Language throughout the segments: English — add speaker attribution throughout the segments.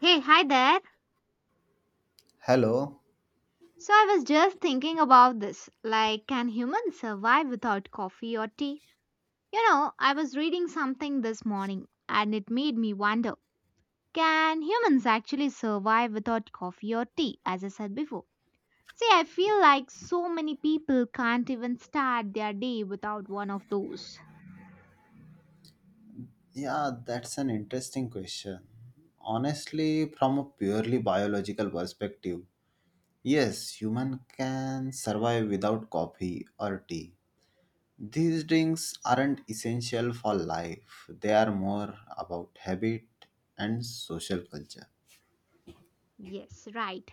Speaker 1: Hey, hi there.
Speaker 2: Hello.
Speaker 1: So I was just thinking about this. Like, can humans survive without coffee or tea? You know, I was reading something this morning and it made me wonder, can humans actually survive without coffee or tea, as I said before? See, I feel like so many people can't even start their day without one of those.
Speaker 2: Yeah, that's an interesting question. Honestly, from a purely biological perspective, yes, human can survive without coffee or tea. These drinks aren't essential for life. They are more about habit and social culture.
Speaker 1: Yes, right.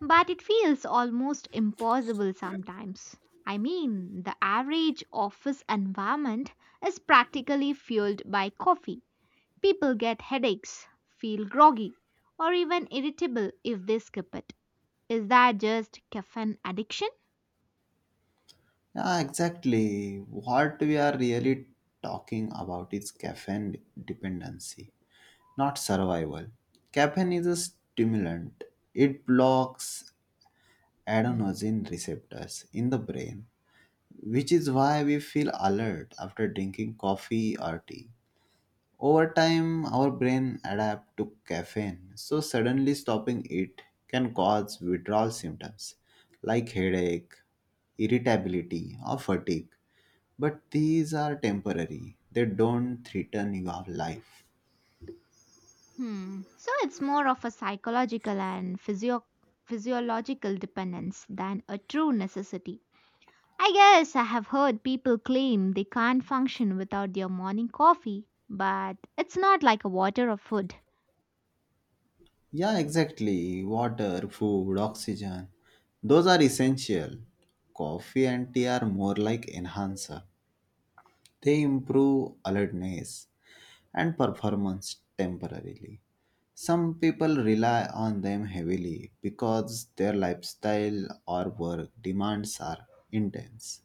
Speaker 1: But it feels almost impossible sometimes. I mean, the average office environment is practically fueled by coffee. People get headaches, feel groggy, or even irritable if they skip it. Is that just caffeine addiction?
Speaker 2: Yeah, exactly. What we are really talking about is caffeine dependency, not survival. Caffeine is a stimulant. It blocks adenosine receptors in the brain, which is why we feel alert after drinking coffee or tea. Over time, our brain adapts to caffeine, so suddenly stopping it can cause withdrawal symptoms like headache, irritability, or fatigue. But these are temporary, they don't threaten your life.
Speaker 1: Hmm. So it's more of a psychological and physiological dependence than a true necessity. I guess I have heard people claim they can't function without their morning coffee, but it's not like a water or food.
Speaker 2: Yeah, exactly. Water, food, oxygen, those are essential. Coffee and tea are more like enhancer. They improve alertness and performance temporarily. Some people rely on them heavily because their lifestyle or work demands are intense.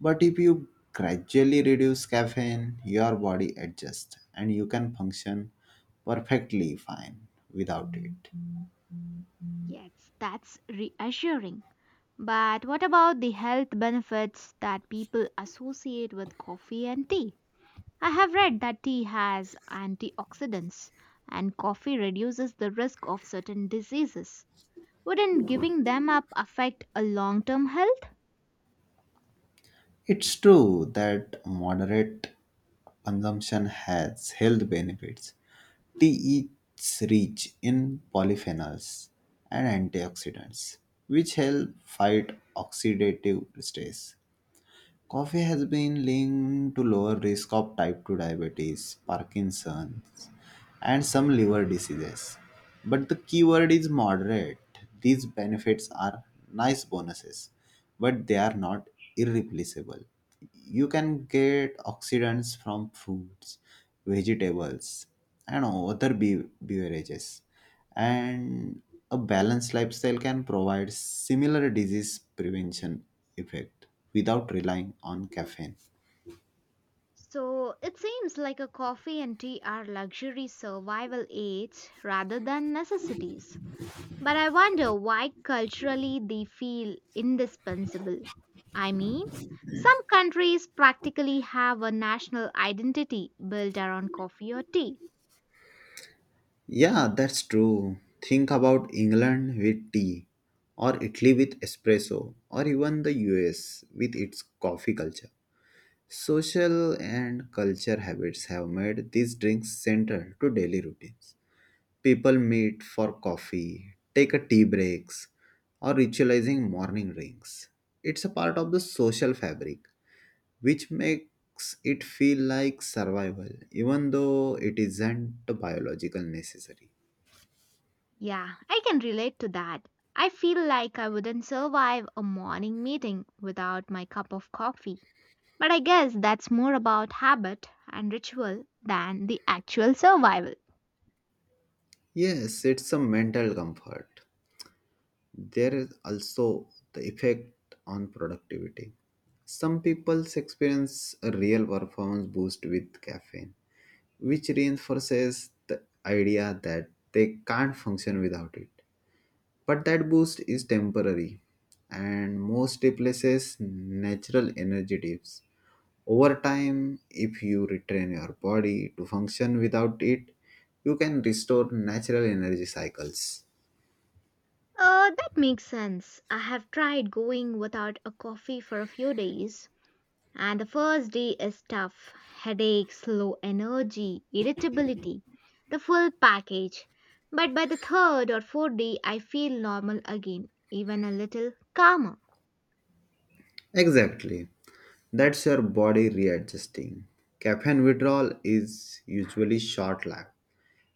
Speaker 2: But if you gradually reduce caffeine, your body adjusts and you can function perfectly fine without it.
Speaker 1: Yes, that's reassuring. But what about the health benefits that people associate with coffee and tea? I have read that tea has antioxidants and coffee reduces the risk of certain diseases. Wouldn't giving them up affect a long term health?
Speaker 2: It's true that moderate consumption has health benefits. Tea is rich in polyphenols and antioxidants, which help fight oxidative stress. Coffee has been linked to lower risk of type 2 diabetes, Parkinson's, and some liver diseases. But the key word is moderate. These benefits are nice bonuses, but they are not irreplaceable. You can get oxidants from fruits, vegetables, and other beverages and a balanced lifestyle can provide similar disease prevention effect without relying on caffeine.
Speaker 1: So it seems like a coffee and tea are luxury survival aids rather than necessities. But I wonder why culturally they feel indispensable. I mean, some countries practically have a national identity built around coffee or tea.
Speaker 2: Yeah, that's true. Think about England with tea, or Italy with espresso, or even the US with its coffee culture. Social and culture habits have made these drinks central to daily routines. People meet for coffee, take a tea breaks, or ritualizing morning rings. It's a part of the social fabric, which makes it feel like survival, even though it isn't biological necessary.
Speaker 1: Yeah, I can relate to that. I feel like I wouldn't survive a morning meeting without my cup of coffee. But I guess that's more about habit and ritual than the actual survival.
Speaker 2: Yes, it's a mental comfort. There is also the effect on productivity. Some people's experience a real performance boost with caffeine which reinforces the idea that they can't function without it. But that boost is temporary and most replaces natural energy dips. Over time, if you retrain your body to function without it, you can restore natural energy cycles.
Speaker 1: That makes sense. I have tried going without a coffee for a few days, and the first day is tough, headaches, low energy, irritability, the full package. But by the third or fourth day, I feel normal again, even a little calmer.
Speaker 2: Exactly. That's your body readjusting. Caffeine withdrawal is usually short lived.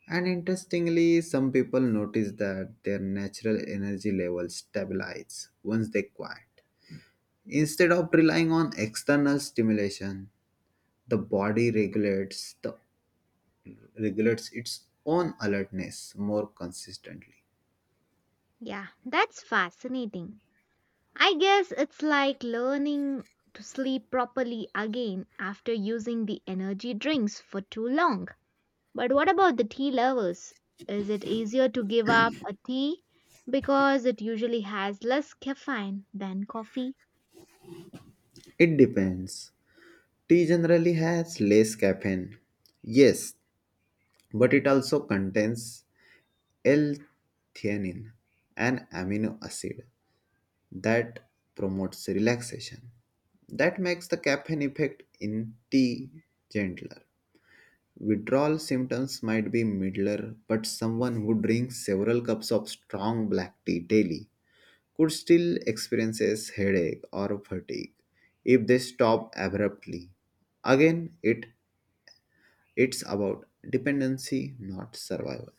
Speaker 2: And interestingly, some people notice that their natural energy levels stabilize once they quiet. Instead of relying on external stimulation, the body regulates its own alertness more consistently.
Speaker 1: Yeah, that's fascinating. I guess it's like learning to sleep properly again after using the energy drinks for too long. But what about the tea lovers? Is it easier to give up a tea because it usually has less caffeine than coffee?
Speaker 2: It depends. Tea generally has less caffeine. Yes, but it also contains L-theanine, an amino acid that promotes relaxation. That makes the caffeine effect in tea gentler. Withdrawal symptoms might be milder, but someone who drinks several cups of strong black tea daily could still experience headache or fatigue if they stop abruptly. Again, it's about dependency, not survival.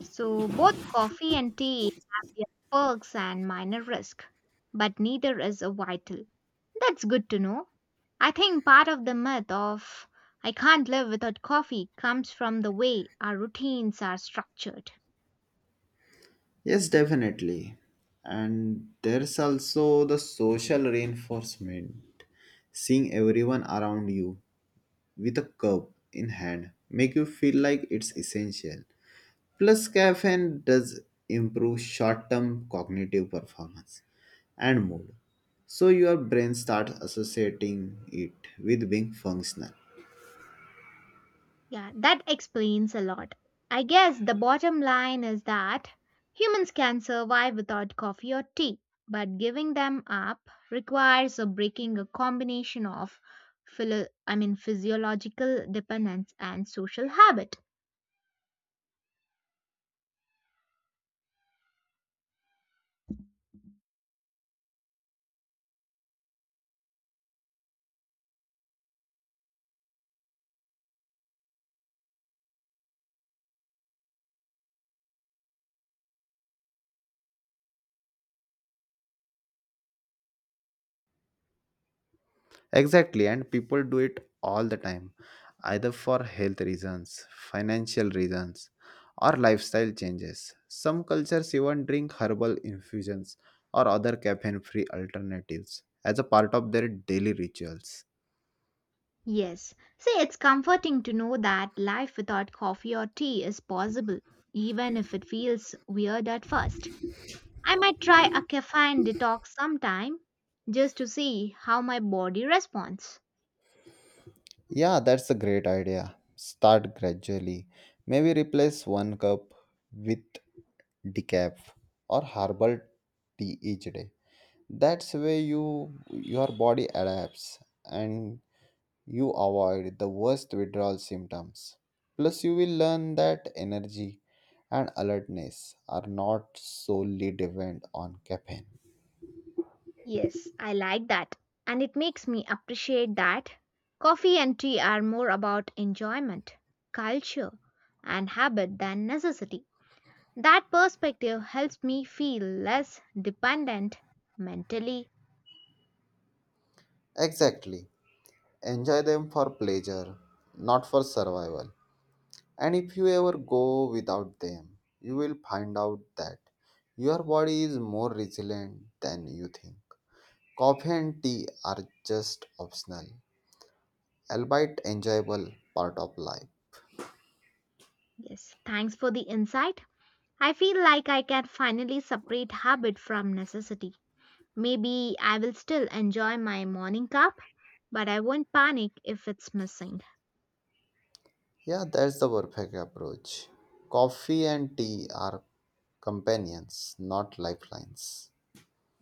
Speaker 1: So both coffee and tea have their perks and minor risk, but neither is a vital. That's good to know. I think part of the myth of I can't live without coffee comes from the way our routines are structured.
Speaker 2: Yes, definitely. And there's also the social reinforcement. Seeing everyone around you with a cup in hand make you feel like it's essential. Plus caffeine does improve short-term cognitive performance and mood. So your brain starts associating it with being functional.
Speaker 1: Yeah, that explains a lot. I guess the bottom line is that humans can survive without coffee or tea, but giving them up requires a breaking a combination of I mean physiological dependence and social habit.
Speaker 2: Exactly, and people do it all the time, either for health reasons, financial reasons, or lifestyle changes. Some cultures even drink herbal infusions or other caffeine free alternatives as a part of their daily rituals.
Speaker 1: Yes. See, it's comforting to know that life without coffee or tea is possible, even if it feels weird at first. I might try a caffeine detox sometime just to see how my body responds.
Speaker 2: Yeah, that's a great idea. Start gradually. Maybe replace one cup with decaf or herbal tea each day. That's way your body adapts and you avoid the worst withdrawal symptoms. Plus, you will learn that energy and alertness are not solely dependent on caffeine.
Speaker 1: Yes, I like that. And it makes me appreciate that coffee and tea are more about enjoyment, culture, and habit than necessity. That perspective helps me feel less dependent mentally.
Speaker 2: Exactly. Enjoy them for pleasure, not for survival. And if you ever go without them, you will find out that your body is more resilient than you think. Coffee and tea are just optional, albeit enjoyable part of life.
Speaker 1: Yes, thanks for the insight. I feel like I can finally separate habit from necessity. Maybe I will still enjoy my morning cup, but I won't panic if it's missing.
Speaker 2: Yeah, that's the perfect approach. Coffee and tea are companions, not lifelines.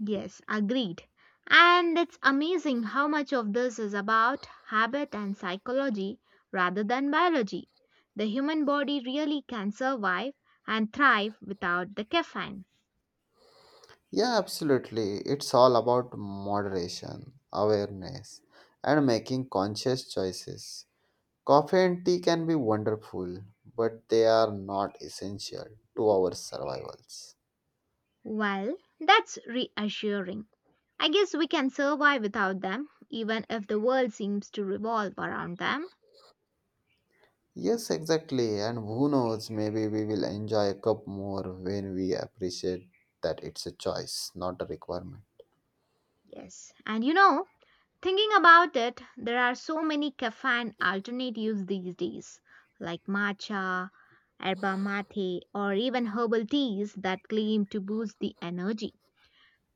Speaker 1: Yes, agreed. And it's amazing how much of this is about habit and psychology rather than biology. The human body really can survive and thrive without the caffeine.
Speaker 2: Yeah, absolutely. It's all about moderation, awareness, and making conscious choices. Coffee and tea can be wonderful, but they are not essential to our survivals.
Speaker 1: Well, that's reassuring. I guess we can survive without them, even if the world seems to revolve around them.
Speaker 2: Yes, exactly. And who knows, maybe we will enjoy a cup more when we appreciate that it's a choice, not a requirement.
Speaker 1: Yes. And you know, thinking about it, there are so many caffeine alternatives these days, like matcha, herba mate, or even herbal teas that claim to boost the energy.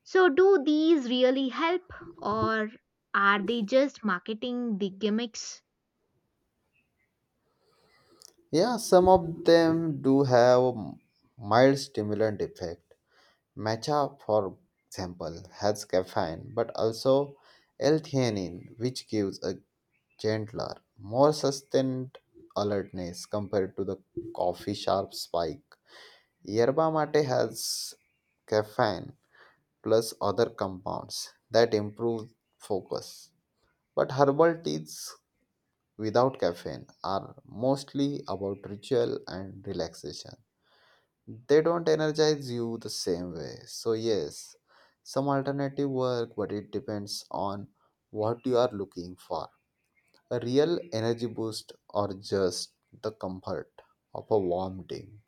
Speaker 1: So, do these really help, or are they just marketing the gimmicks?
Speaker 2: Yeah, some of them do have a mild stimulant effect. Matcha, for example, has caffeine but also L-theanine, which gives a gentler, more sustained alertness compared to the coffee sharp spike. Yerba mate has caffeine plus other compounds that improve focus. But herbal teas without caffeine are mostly about ritual and relaxation. They don't energize you the same way. So, yes, some alternative work, but it depends on what you are looking for. A real energy boost or just the comfort of a warm drink.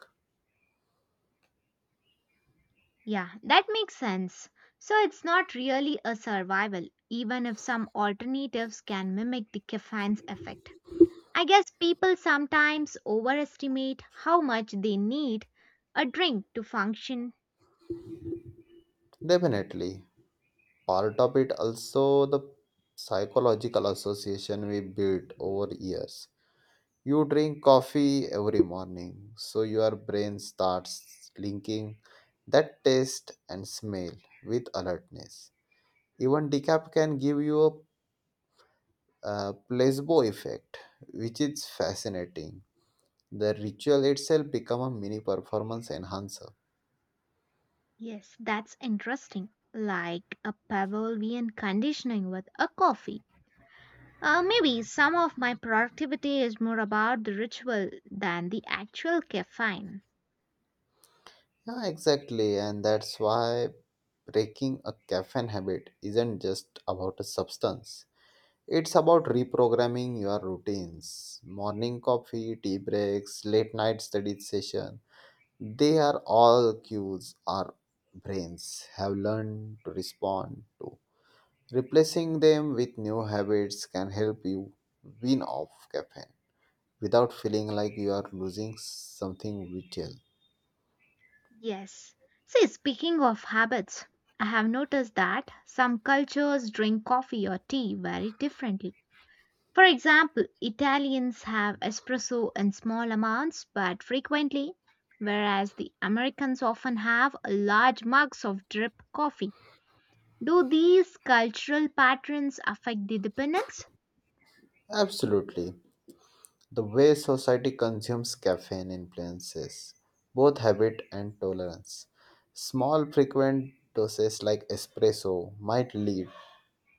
Speaker 1: Yeah, that makes sense. So, it's not really a survival, even if some alternatives can mimic the caffeine's effect. I guess people sometimes overestimate how much they need a drink to function.
Speaker 2: Definitely, part of it also the psychological association we built over years. You drink coffee every morning, so your brain starts linking that taste and smell with alertness. Even decaf can give you a placebo effect, which is fascinating. The ritual itself become a mini performance enhancer.
Speaker 1: Yes, that's interesting. Like a Pavlovian conditioning with a coffee. Maybe some of my productivity is more about the ritual than the actual caffeine.
Speaker 2: Yeah, exactly, and that's why breaking a caffeine habit isn't just about a substance. It's about reprogramming your routines. Morning coffee, tea breaks, late night study session. They are all cues our brains have learned to respond to. Replacing them with new habits can help you wean off caffeine without feeling like you are losing something vital.
Speaker 1: Yes. See, speaking of habits, I have noticed that some cultures drink coffee or tea very differently. For example, Italians have espresso in small amounts but frequently, whereas the Americans often have large mugs of drip coffee. Do these cultural patterns affect the dependence?
Speaker 2: Absolutely. The way society consumes caffeine influences both habit and tolerance. Small, frequent doses like espresso might lead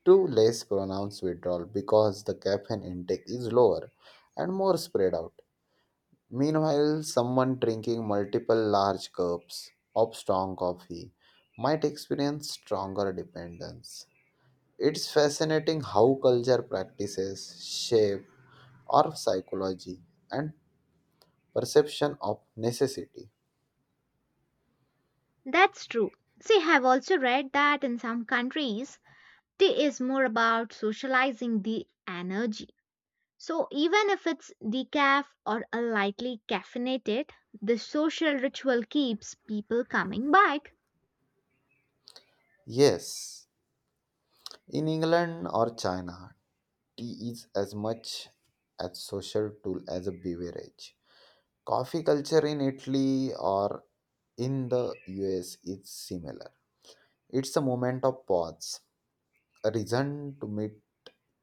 Speaker 2: to less pronounced withdrawal because the caffeine intake is lower and more spread out. Meanwhile, someone drinking multiple large cups of strong coffee might experience stronger dependence. It's fascinating how culture practices shape our psychology and perception of necessity.
Speaker 1: That's true. See, I have also read that in some countries, tea is more about socializing the energy. So, even if it's decaf or a lightly caffeinated, the social ritual keeps people coming back.
Speaker 2: Yes, in England or China, tea is as much a social tool as a beverage. Coffee culture in Italy or in the US is similar. It's a moment of pause, reason to meet,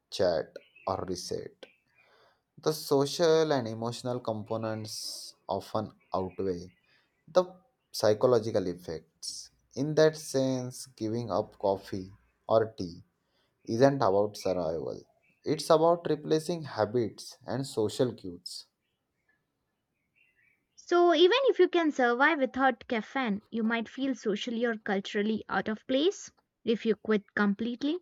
Speaker 2: chat, or reset. The social and emotional components often outweigh the psychological effects. In that sense, giving up coffee or tea isn't about survival, it's about replacing habits and social cues.
Speaker 1: So, even if you can survive without caffeine, you might feel socially or culturally out of place if you quit completely.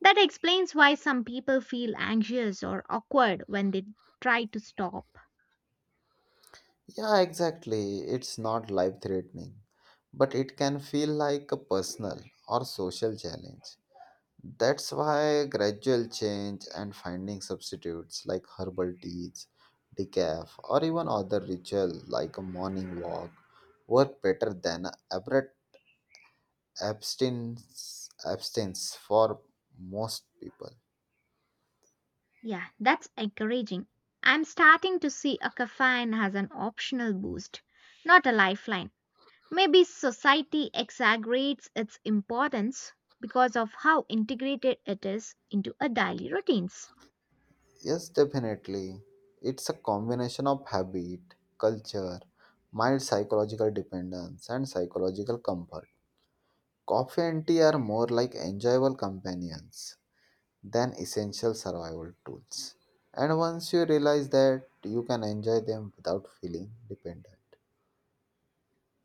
Speaker 1: That explains why some people feel anxious or awkward when they try to stop.
Speaker 2: Yeah, exactly. It's not life threatening, but it can feel like a personal or social challenge. That's why gradual change and finding substitutes like herbal teas, decaf, or even other ritual like a morning walk work better than abrupt abstinence for most people.
Speaker 1: Yeah, that's encouraging. I'm starting to see a caffeine as an optional boost, not a lifeline. Maybe society exaggerates its importance because of how integrated it is into our daily routines.
Speaker 2: Yes, definitely. It's a combination of habit, culture, mild psychological dependence, and psychological comfort. Coffee and tea are more like enjoyable companions than essential survival tools. And once you realize that you can enjoy them without feeling dependent.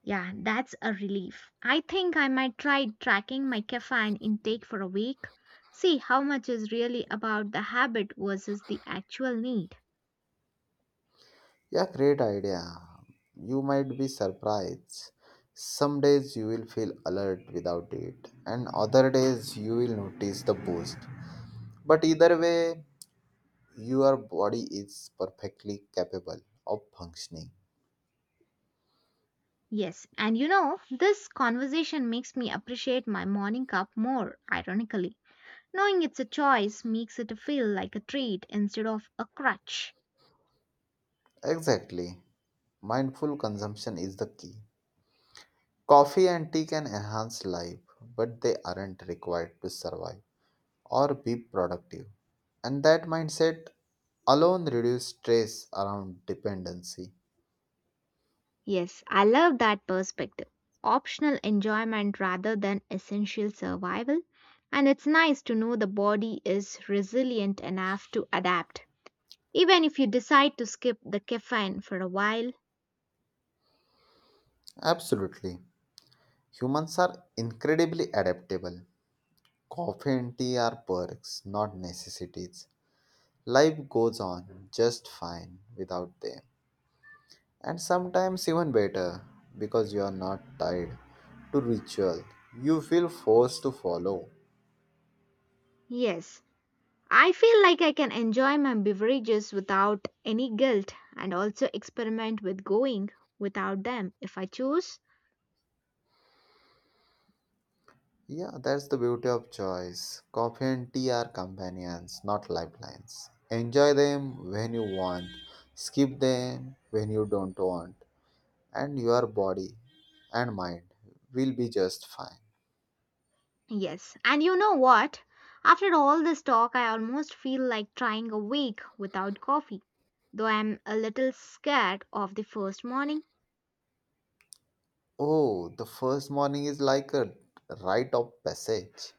Speaker 1: Yeah, that's a relief. I think I might try tracking my caffeine intake for a week, see how much is really about the habit versus the actual need.
Speaker 2: Yeah, great idea. You might be surprised. Some days you will feel alert without it, and other days you will notice the boost. But either way, your body is perfectly capable of functioning.
Speaker 1: Yes, and you know, this conversation makes me appreciate my morning cup more, ironically. Knowing it's a choice makes it feel like a treat instead of a crutch.
Speaker 2: Exactly. Mindful consumption is the key. Coffee and tea can enhance life, but they aren't required to survive or be productive. And that mindset alone reduces stress around dependency.
Speaker 1: Yes, I love that perspective. Optional enjoyment rather than essential survival. And it's nice to know the body is resilient enough to adapt. Even if you decide to skip the caffeine for a while,
Speaker 2: Absolutely. Humans are incredibly adaptable. Coffee and tea are perks, not necessities. Life goes on just fine without them. And sometimes even better because you are not tied to ritual you feel forced to follow.
Speaker 1: yes, I feel like I can enjoy my beverages without any guilt and also experiment with going without them if I choose.
Speaker 2: Yeah, that's the beauty of choice. Coffee and tea are companions, not lifelines. Enjoy them when you want, skip them when you don't want, and your body and mind will be just fine.
Speaker 1: Yes, and you know what? After all this talk, I almost feel like trying a week without coffee, though I'm a little scared of the first morning.
Speaker 2: Oh, the first morning is like a rite of passage.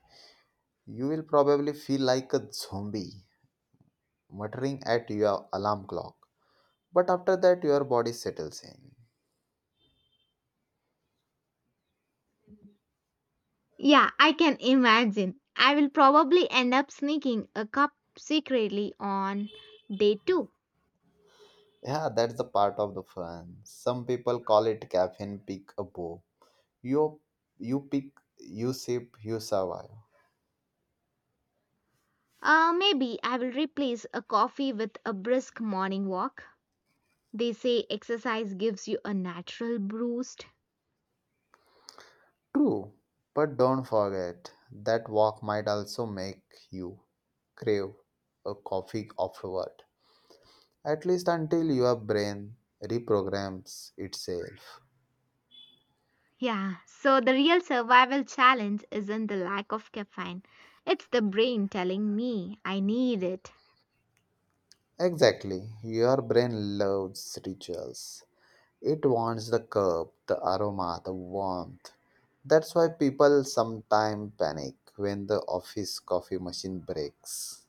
Speaker 2: You will probably feel like a zombie, muttering at your alarm clock. But after that, your body settles in.
Speaker 1: Yeah, I can imagine. I will probably end up sneaking a cup secretly on day two.
Speaker 2: Yeah, that's the part of the fun. Some people call it caffeine pick a bow. You you pick, you sip, you survive.
Speaker 1: Maybe I will replace a coffee with a brisk morning walk. They say exercise gives you a natural boost.
Speaker 2: True, but don't forget that walk might also make you crave a coffee afterward. At least until your brain reprograms itself.
Speaker 1: Yeah, so the real survival challenge isn't the lack of caffeine, it's the brain telling me I need it.
Speaker 2: Exactly, your brain loves rituals. It wants the curb, the aroma, the warmth. That's why people sometimes panic when the office coffee machine breaks.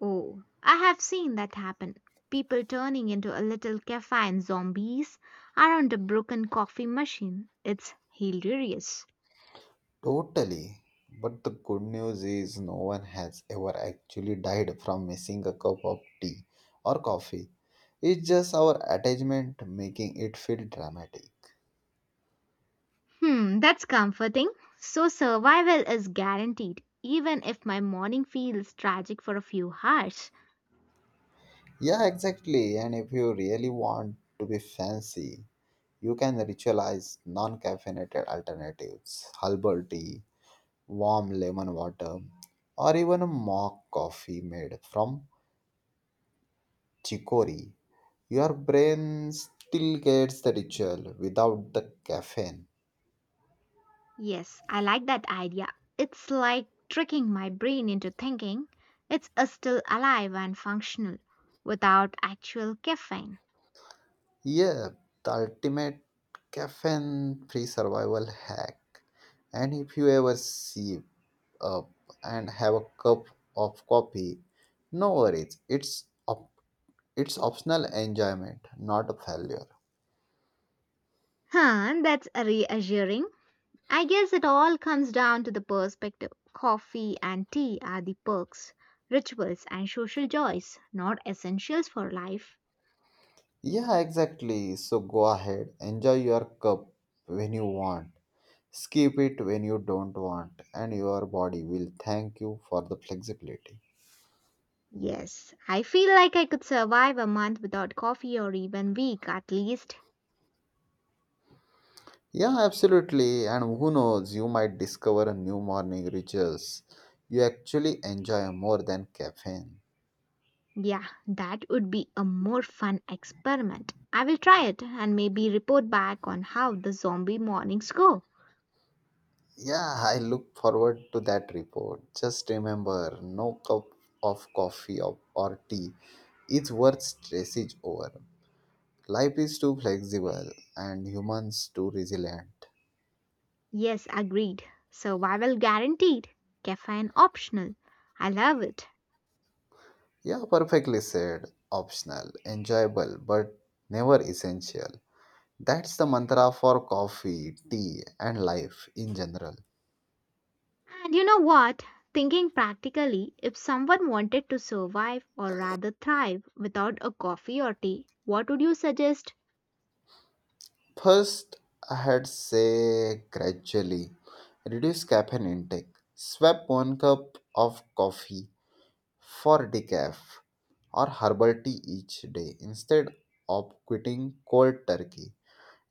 Speaker 1: Oh, I have seen that happen. People turning into a little caffeine zombies around a broken coffee machine. It's hilarious.
Speaker 2: Totally. But the good news is no one has ever actually died from missing a cup of tea or coffee. It's just our attachment making it feel dramatic.
Speaker 1: Hmm, that's comforting. So survival is guaranteed, even if my morning feels tragic for a few hours.
Speaker 2: Yeah, exactly. And if you really want to be fancy, you can ritualize non caffeinated alternatives, herbal tea, warm lemon water, or even a mock coffee made from chicory, your brain still gets the ritual without the caffeine.
Speaker 1: Yes, I like that idea. It's like tricking my brain into thinking it's still alive and functional without actual caffeine.
Speaker 2: Yeah, the ultimate caffeine free survival hack. And if you ever sip up and have a cup of coffee, no worries. It's it's optional enjoyment, not a failure.
Speaker 1: Huh, that's reassuring. I guess it all comes down to the perspective. Coffee and tea are the perks, rituals, and social joys, not essentials for life.
Speaker 2: Yeah, exactly. So go ahead, enjoy your cup when you want, skip it when you don't want, and your body will thank you for the flexibility.
Speaker 1: Yes, I feel like I could survive a month without coffee or even week at least.
Speaker 2: Yeah, absolutely. And who knows, you might discover a new morning rituals you actually enjoy more than caffeine.
Speaker 1: Yeah, that would be a more fun experiment. I will try it and maybe report back on how the zombie mornings go.
Speaker 2: Yeah, I look forward to that report. Just remember, no cup of coffee or tea is worth stressage over. Life is too flexible and humans too resilient.
Speaker 1: Yes, agreed. Survival guaranteed. Caffeine optional. I love it.
Speaker 2: Yeah, perfectly said. Optional, enjoyable, but never essential. That's the mantra for coffee, tea, and life in general.
Speaker 1: And you know what? Thinking practically, if someone wanted to survive or rather thrive without a coffee or tea, what would you suggest?
Speaker 2: First, I had say gradually reduce caffeine intake. Swap one cup of coffee for decaf or herbal tea each day instead of quitting cold turkey.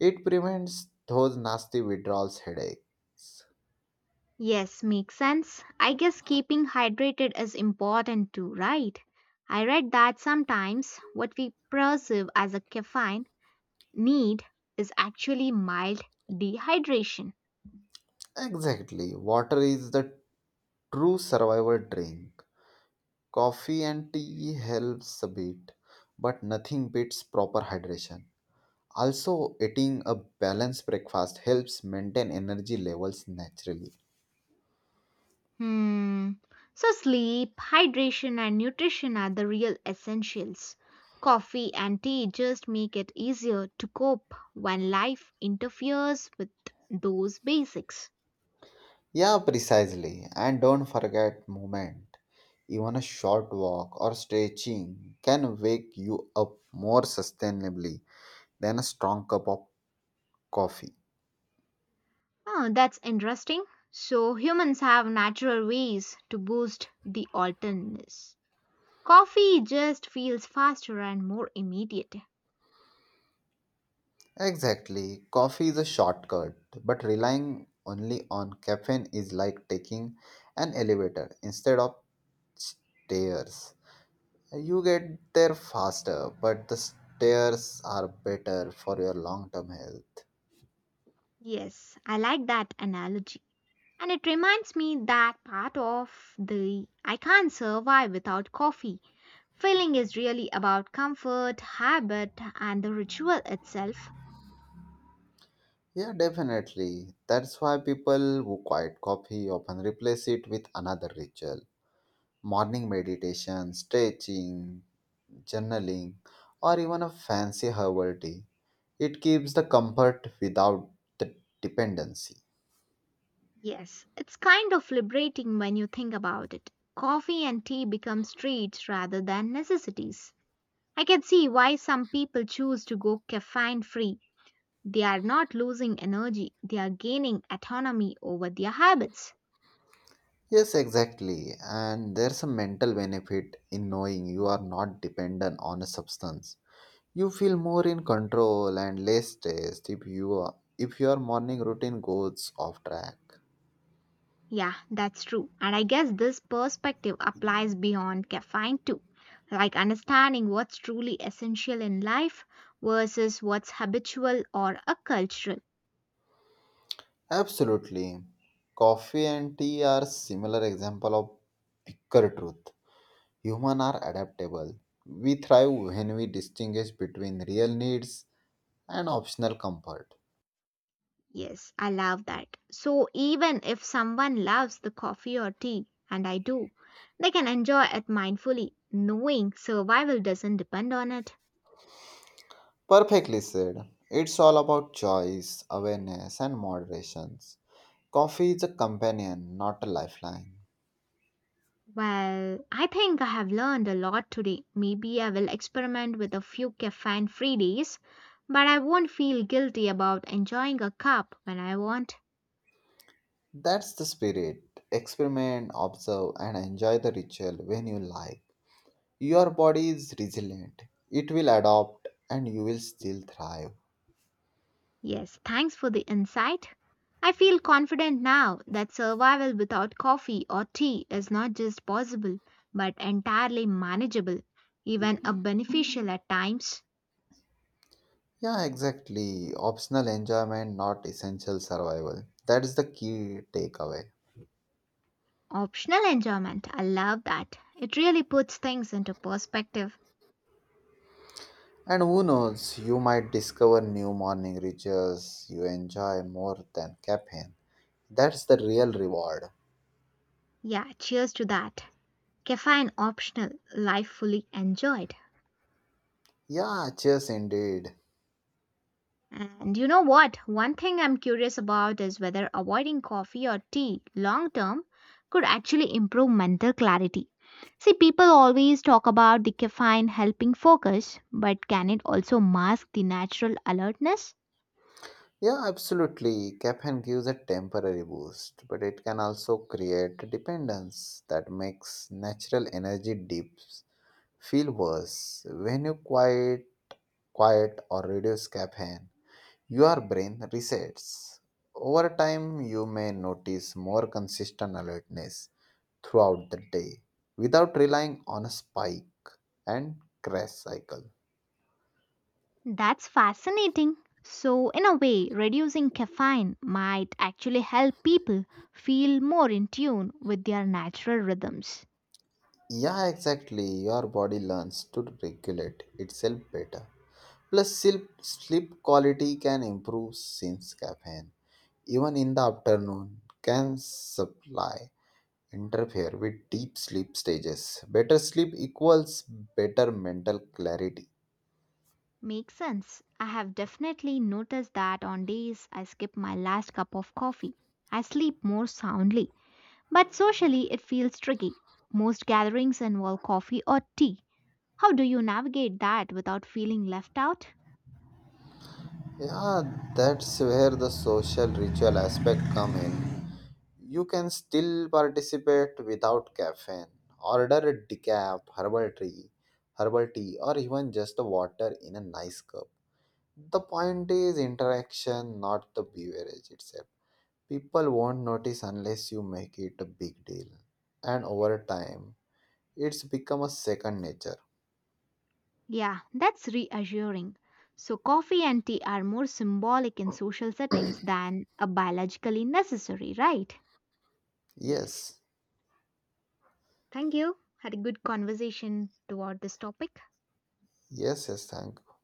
Speaker 2: It prevents those nasty withdrawals headaches.
Speaker 1: Yes, makes sense. I guess keeping hydrated is important too, right? I read that sometimes what we perceive as a caffeine need is actually mild dehydration.
Speaker 2: Exactly. Water is the true survival drink. Coffee and tea helps a bit, but nothing beats proper hydration. Also, eating a balanced breakfast helps maintain energy levels naturally.
Speaker 1: Hmm. So, sleep, hydration, and nutrition are the real essentials. Coffee and tea just make it easier to cope when life interferes with those basics.
Speaker 2: Yeah, precisely. And don't forget movement. Even a short walk or stretching can wake you up more sustainably than a strong cup of coffee.
Speaker 1: Oh, that's interesting. So humans have natural ways to boost the alternateness. Coffee just feels faster and more immediate.
Speaker 2: Exactly. Coffee is a shortcut, but relying only on caffeine is like taking an elevator instead of stairs. You get there faster, but the stairs are better for your long term health.
Speaker 1: Yes, I like that analogy. And it reminds me that part of the I can't survive without coffee. Feeling is really about comfort, habit, and the ritual itself.
Speaker 2: Yeah, definitely. That's why people who quit coffee often replace it with another ritual morning meditation, stretching, journaling, or even a fancy herbal tea. It keeps the comfort without the dependency.
Speaker 1: Yes, it's kind of liberating when you think about it. Coffee and tea become treats rather than necessities. I can see why some people choose to go caffeine free. They are not losing energy, they are gaining autonomy over their habits.
Speaker 2: Yes, exactly. And there's a mental benefit in knowing you are not dependent on a substance. You feel more in control and less stressed if you are, if your morning routine goes off track.
Speaker 1: Yeah, that's true. And I guess this perspective applies beyond caffeine too, like understanding what's truly essential in life versus what's habitual or a cultural.
Speaker 2: Absolutely. Coffee and tea are similar example of bigger truth. Humans are adaptable. We thrive when we distinguish between real needs and optional comfort.
Speaker 1: Yes, I love that. So even if someone loves the coffee or tea, and I do, they can enjoy it mindfully, knowing survival doesn't depend on it.
Speaker 2: Perfectly said. It's all about choice, awareness, and moderation. Coffee is a companion, not a lifeline.
Speaker 1: Well, I think I have learned a lot today. Maybe I will experiment with a few caffeine free days, but I won't feel guilty about enjoying a cup when I want.
Speaker 2: That's the spirit. Experiment, observe, and enjoy the ritual when you like. Your body is resilient, it will adapt, and you will still thrive.
Speaker 1: Yes, thanks for the insight. I feel confident now that survival without coffee or tea is not just possible, but entirely manageable, even a beneficial at times.
Speaker 2: Yeah, exactly. Optional enjoyment, not essential survival. That is the key takeaway.
Speaker 1: Optional enjoyment, I love that. It really puts things into perspective.
Speaker 2: And who knows, you might discover new morning rituals you enjoy more than caffeine. That's the real reward.
Speaker 1: Yeah, cheers to that. Caffeine optional, life fully enjoyed.
Speaker 2: Yeah, cheers indeed.
Speaker 1: And you know what? One thing I'm curious about is whether avoiding coffee or tea long term could actually improve mental clarity. See, people always talk about the caffeine helping focus, but can it also mask the natural alertness?
Speaker 2: Yeah, absolutely. Caffeine gives a temporary boost, but it can also create dependence that makes natural energy dips feel worse when you quiet or reduce caffeine. Your brain resets. Over time, you may notice more consistent alertness throughout the day without relying on a spike and crash cycle.
Speaker 1: That's fascinating. So, in a way, reducing caffeine might actually help people feel more in tune with their natural rhythms.
Speaker 2: Yeah, exactly. Your body learns to regulate itself better. Plus, sleep quality can improve since caffeine, even in the afternoon, can supply interfere with deep sleep stages. Better sleep equals better mental clarity.
Speaker 1: Makes sense. I have definitely noticed that on days I skip my last cup of coffee, I sleep more soundly. But socially, it feels tricky. Most gatherings involve coffee or tea. How do you navigate that without feeling left out?
Speaker 2: Yeah, that's where the social ritual aspect come in. You can still participate without caffeine. Order a decaf, herbal tea, or even just the water in a nice cup. The point is interaction, not the beverage itself. People won't notice unless you make it a big deal. And over time, it's become a second nature.
Speaker 1: Yeah, that's reassuring. So, coffee and tea are more symbolic in social settings than a biologically necessary, right? Yes.
Speaker 2: Yes,
Speaker 1: Thank you. Had a good conversation toward this topic.
Speaker 2: yes, yes, thank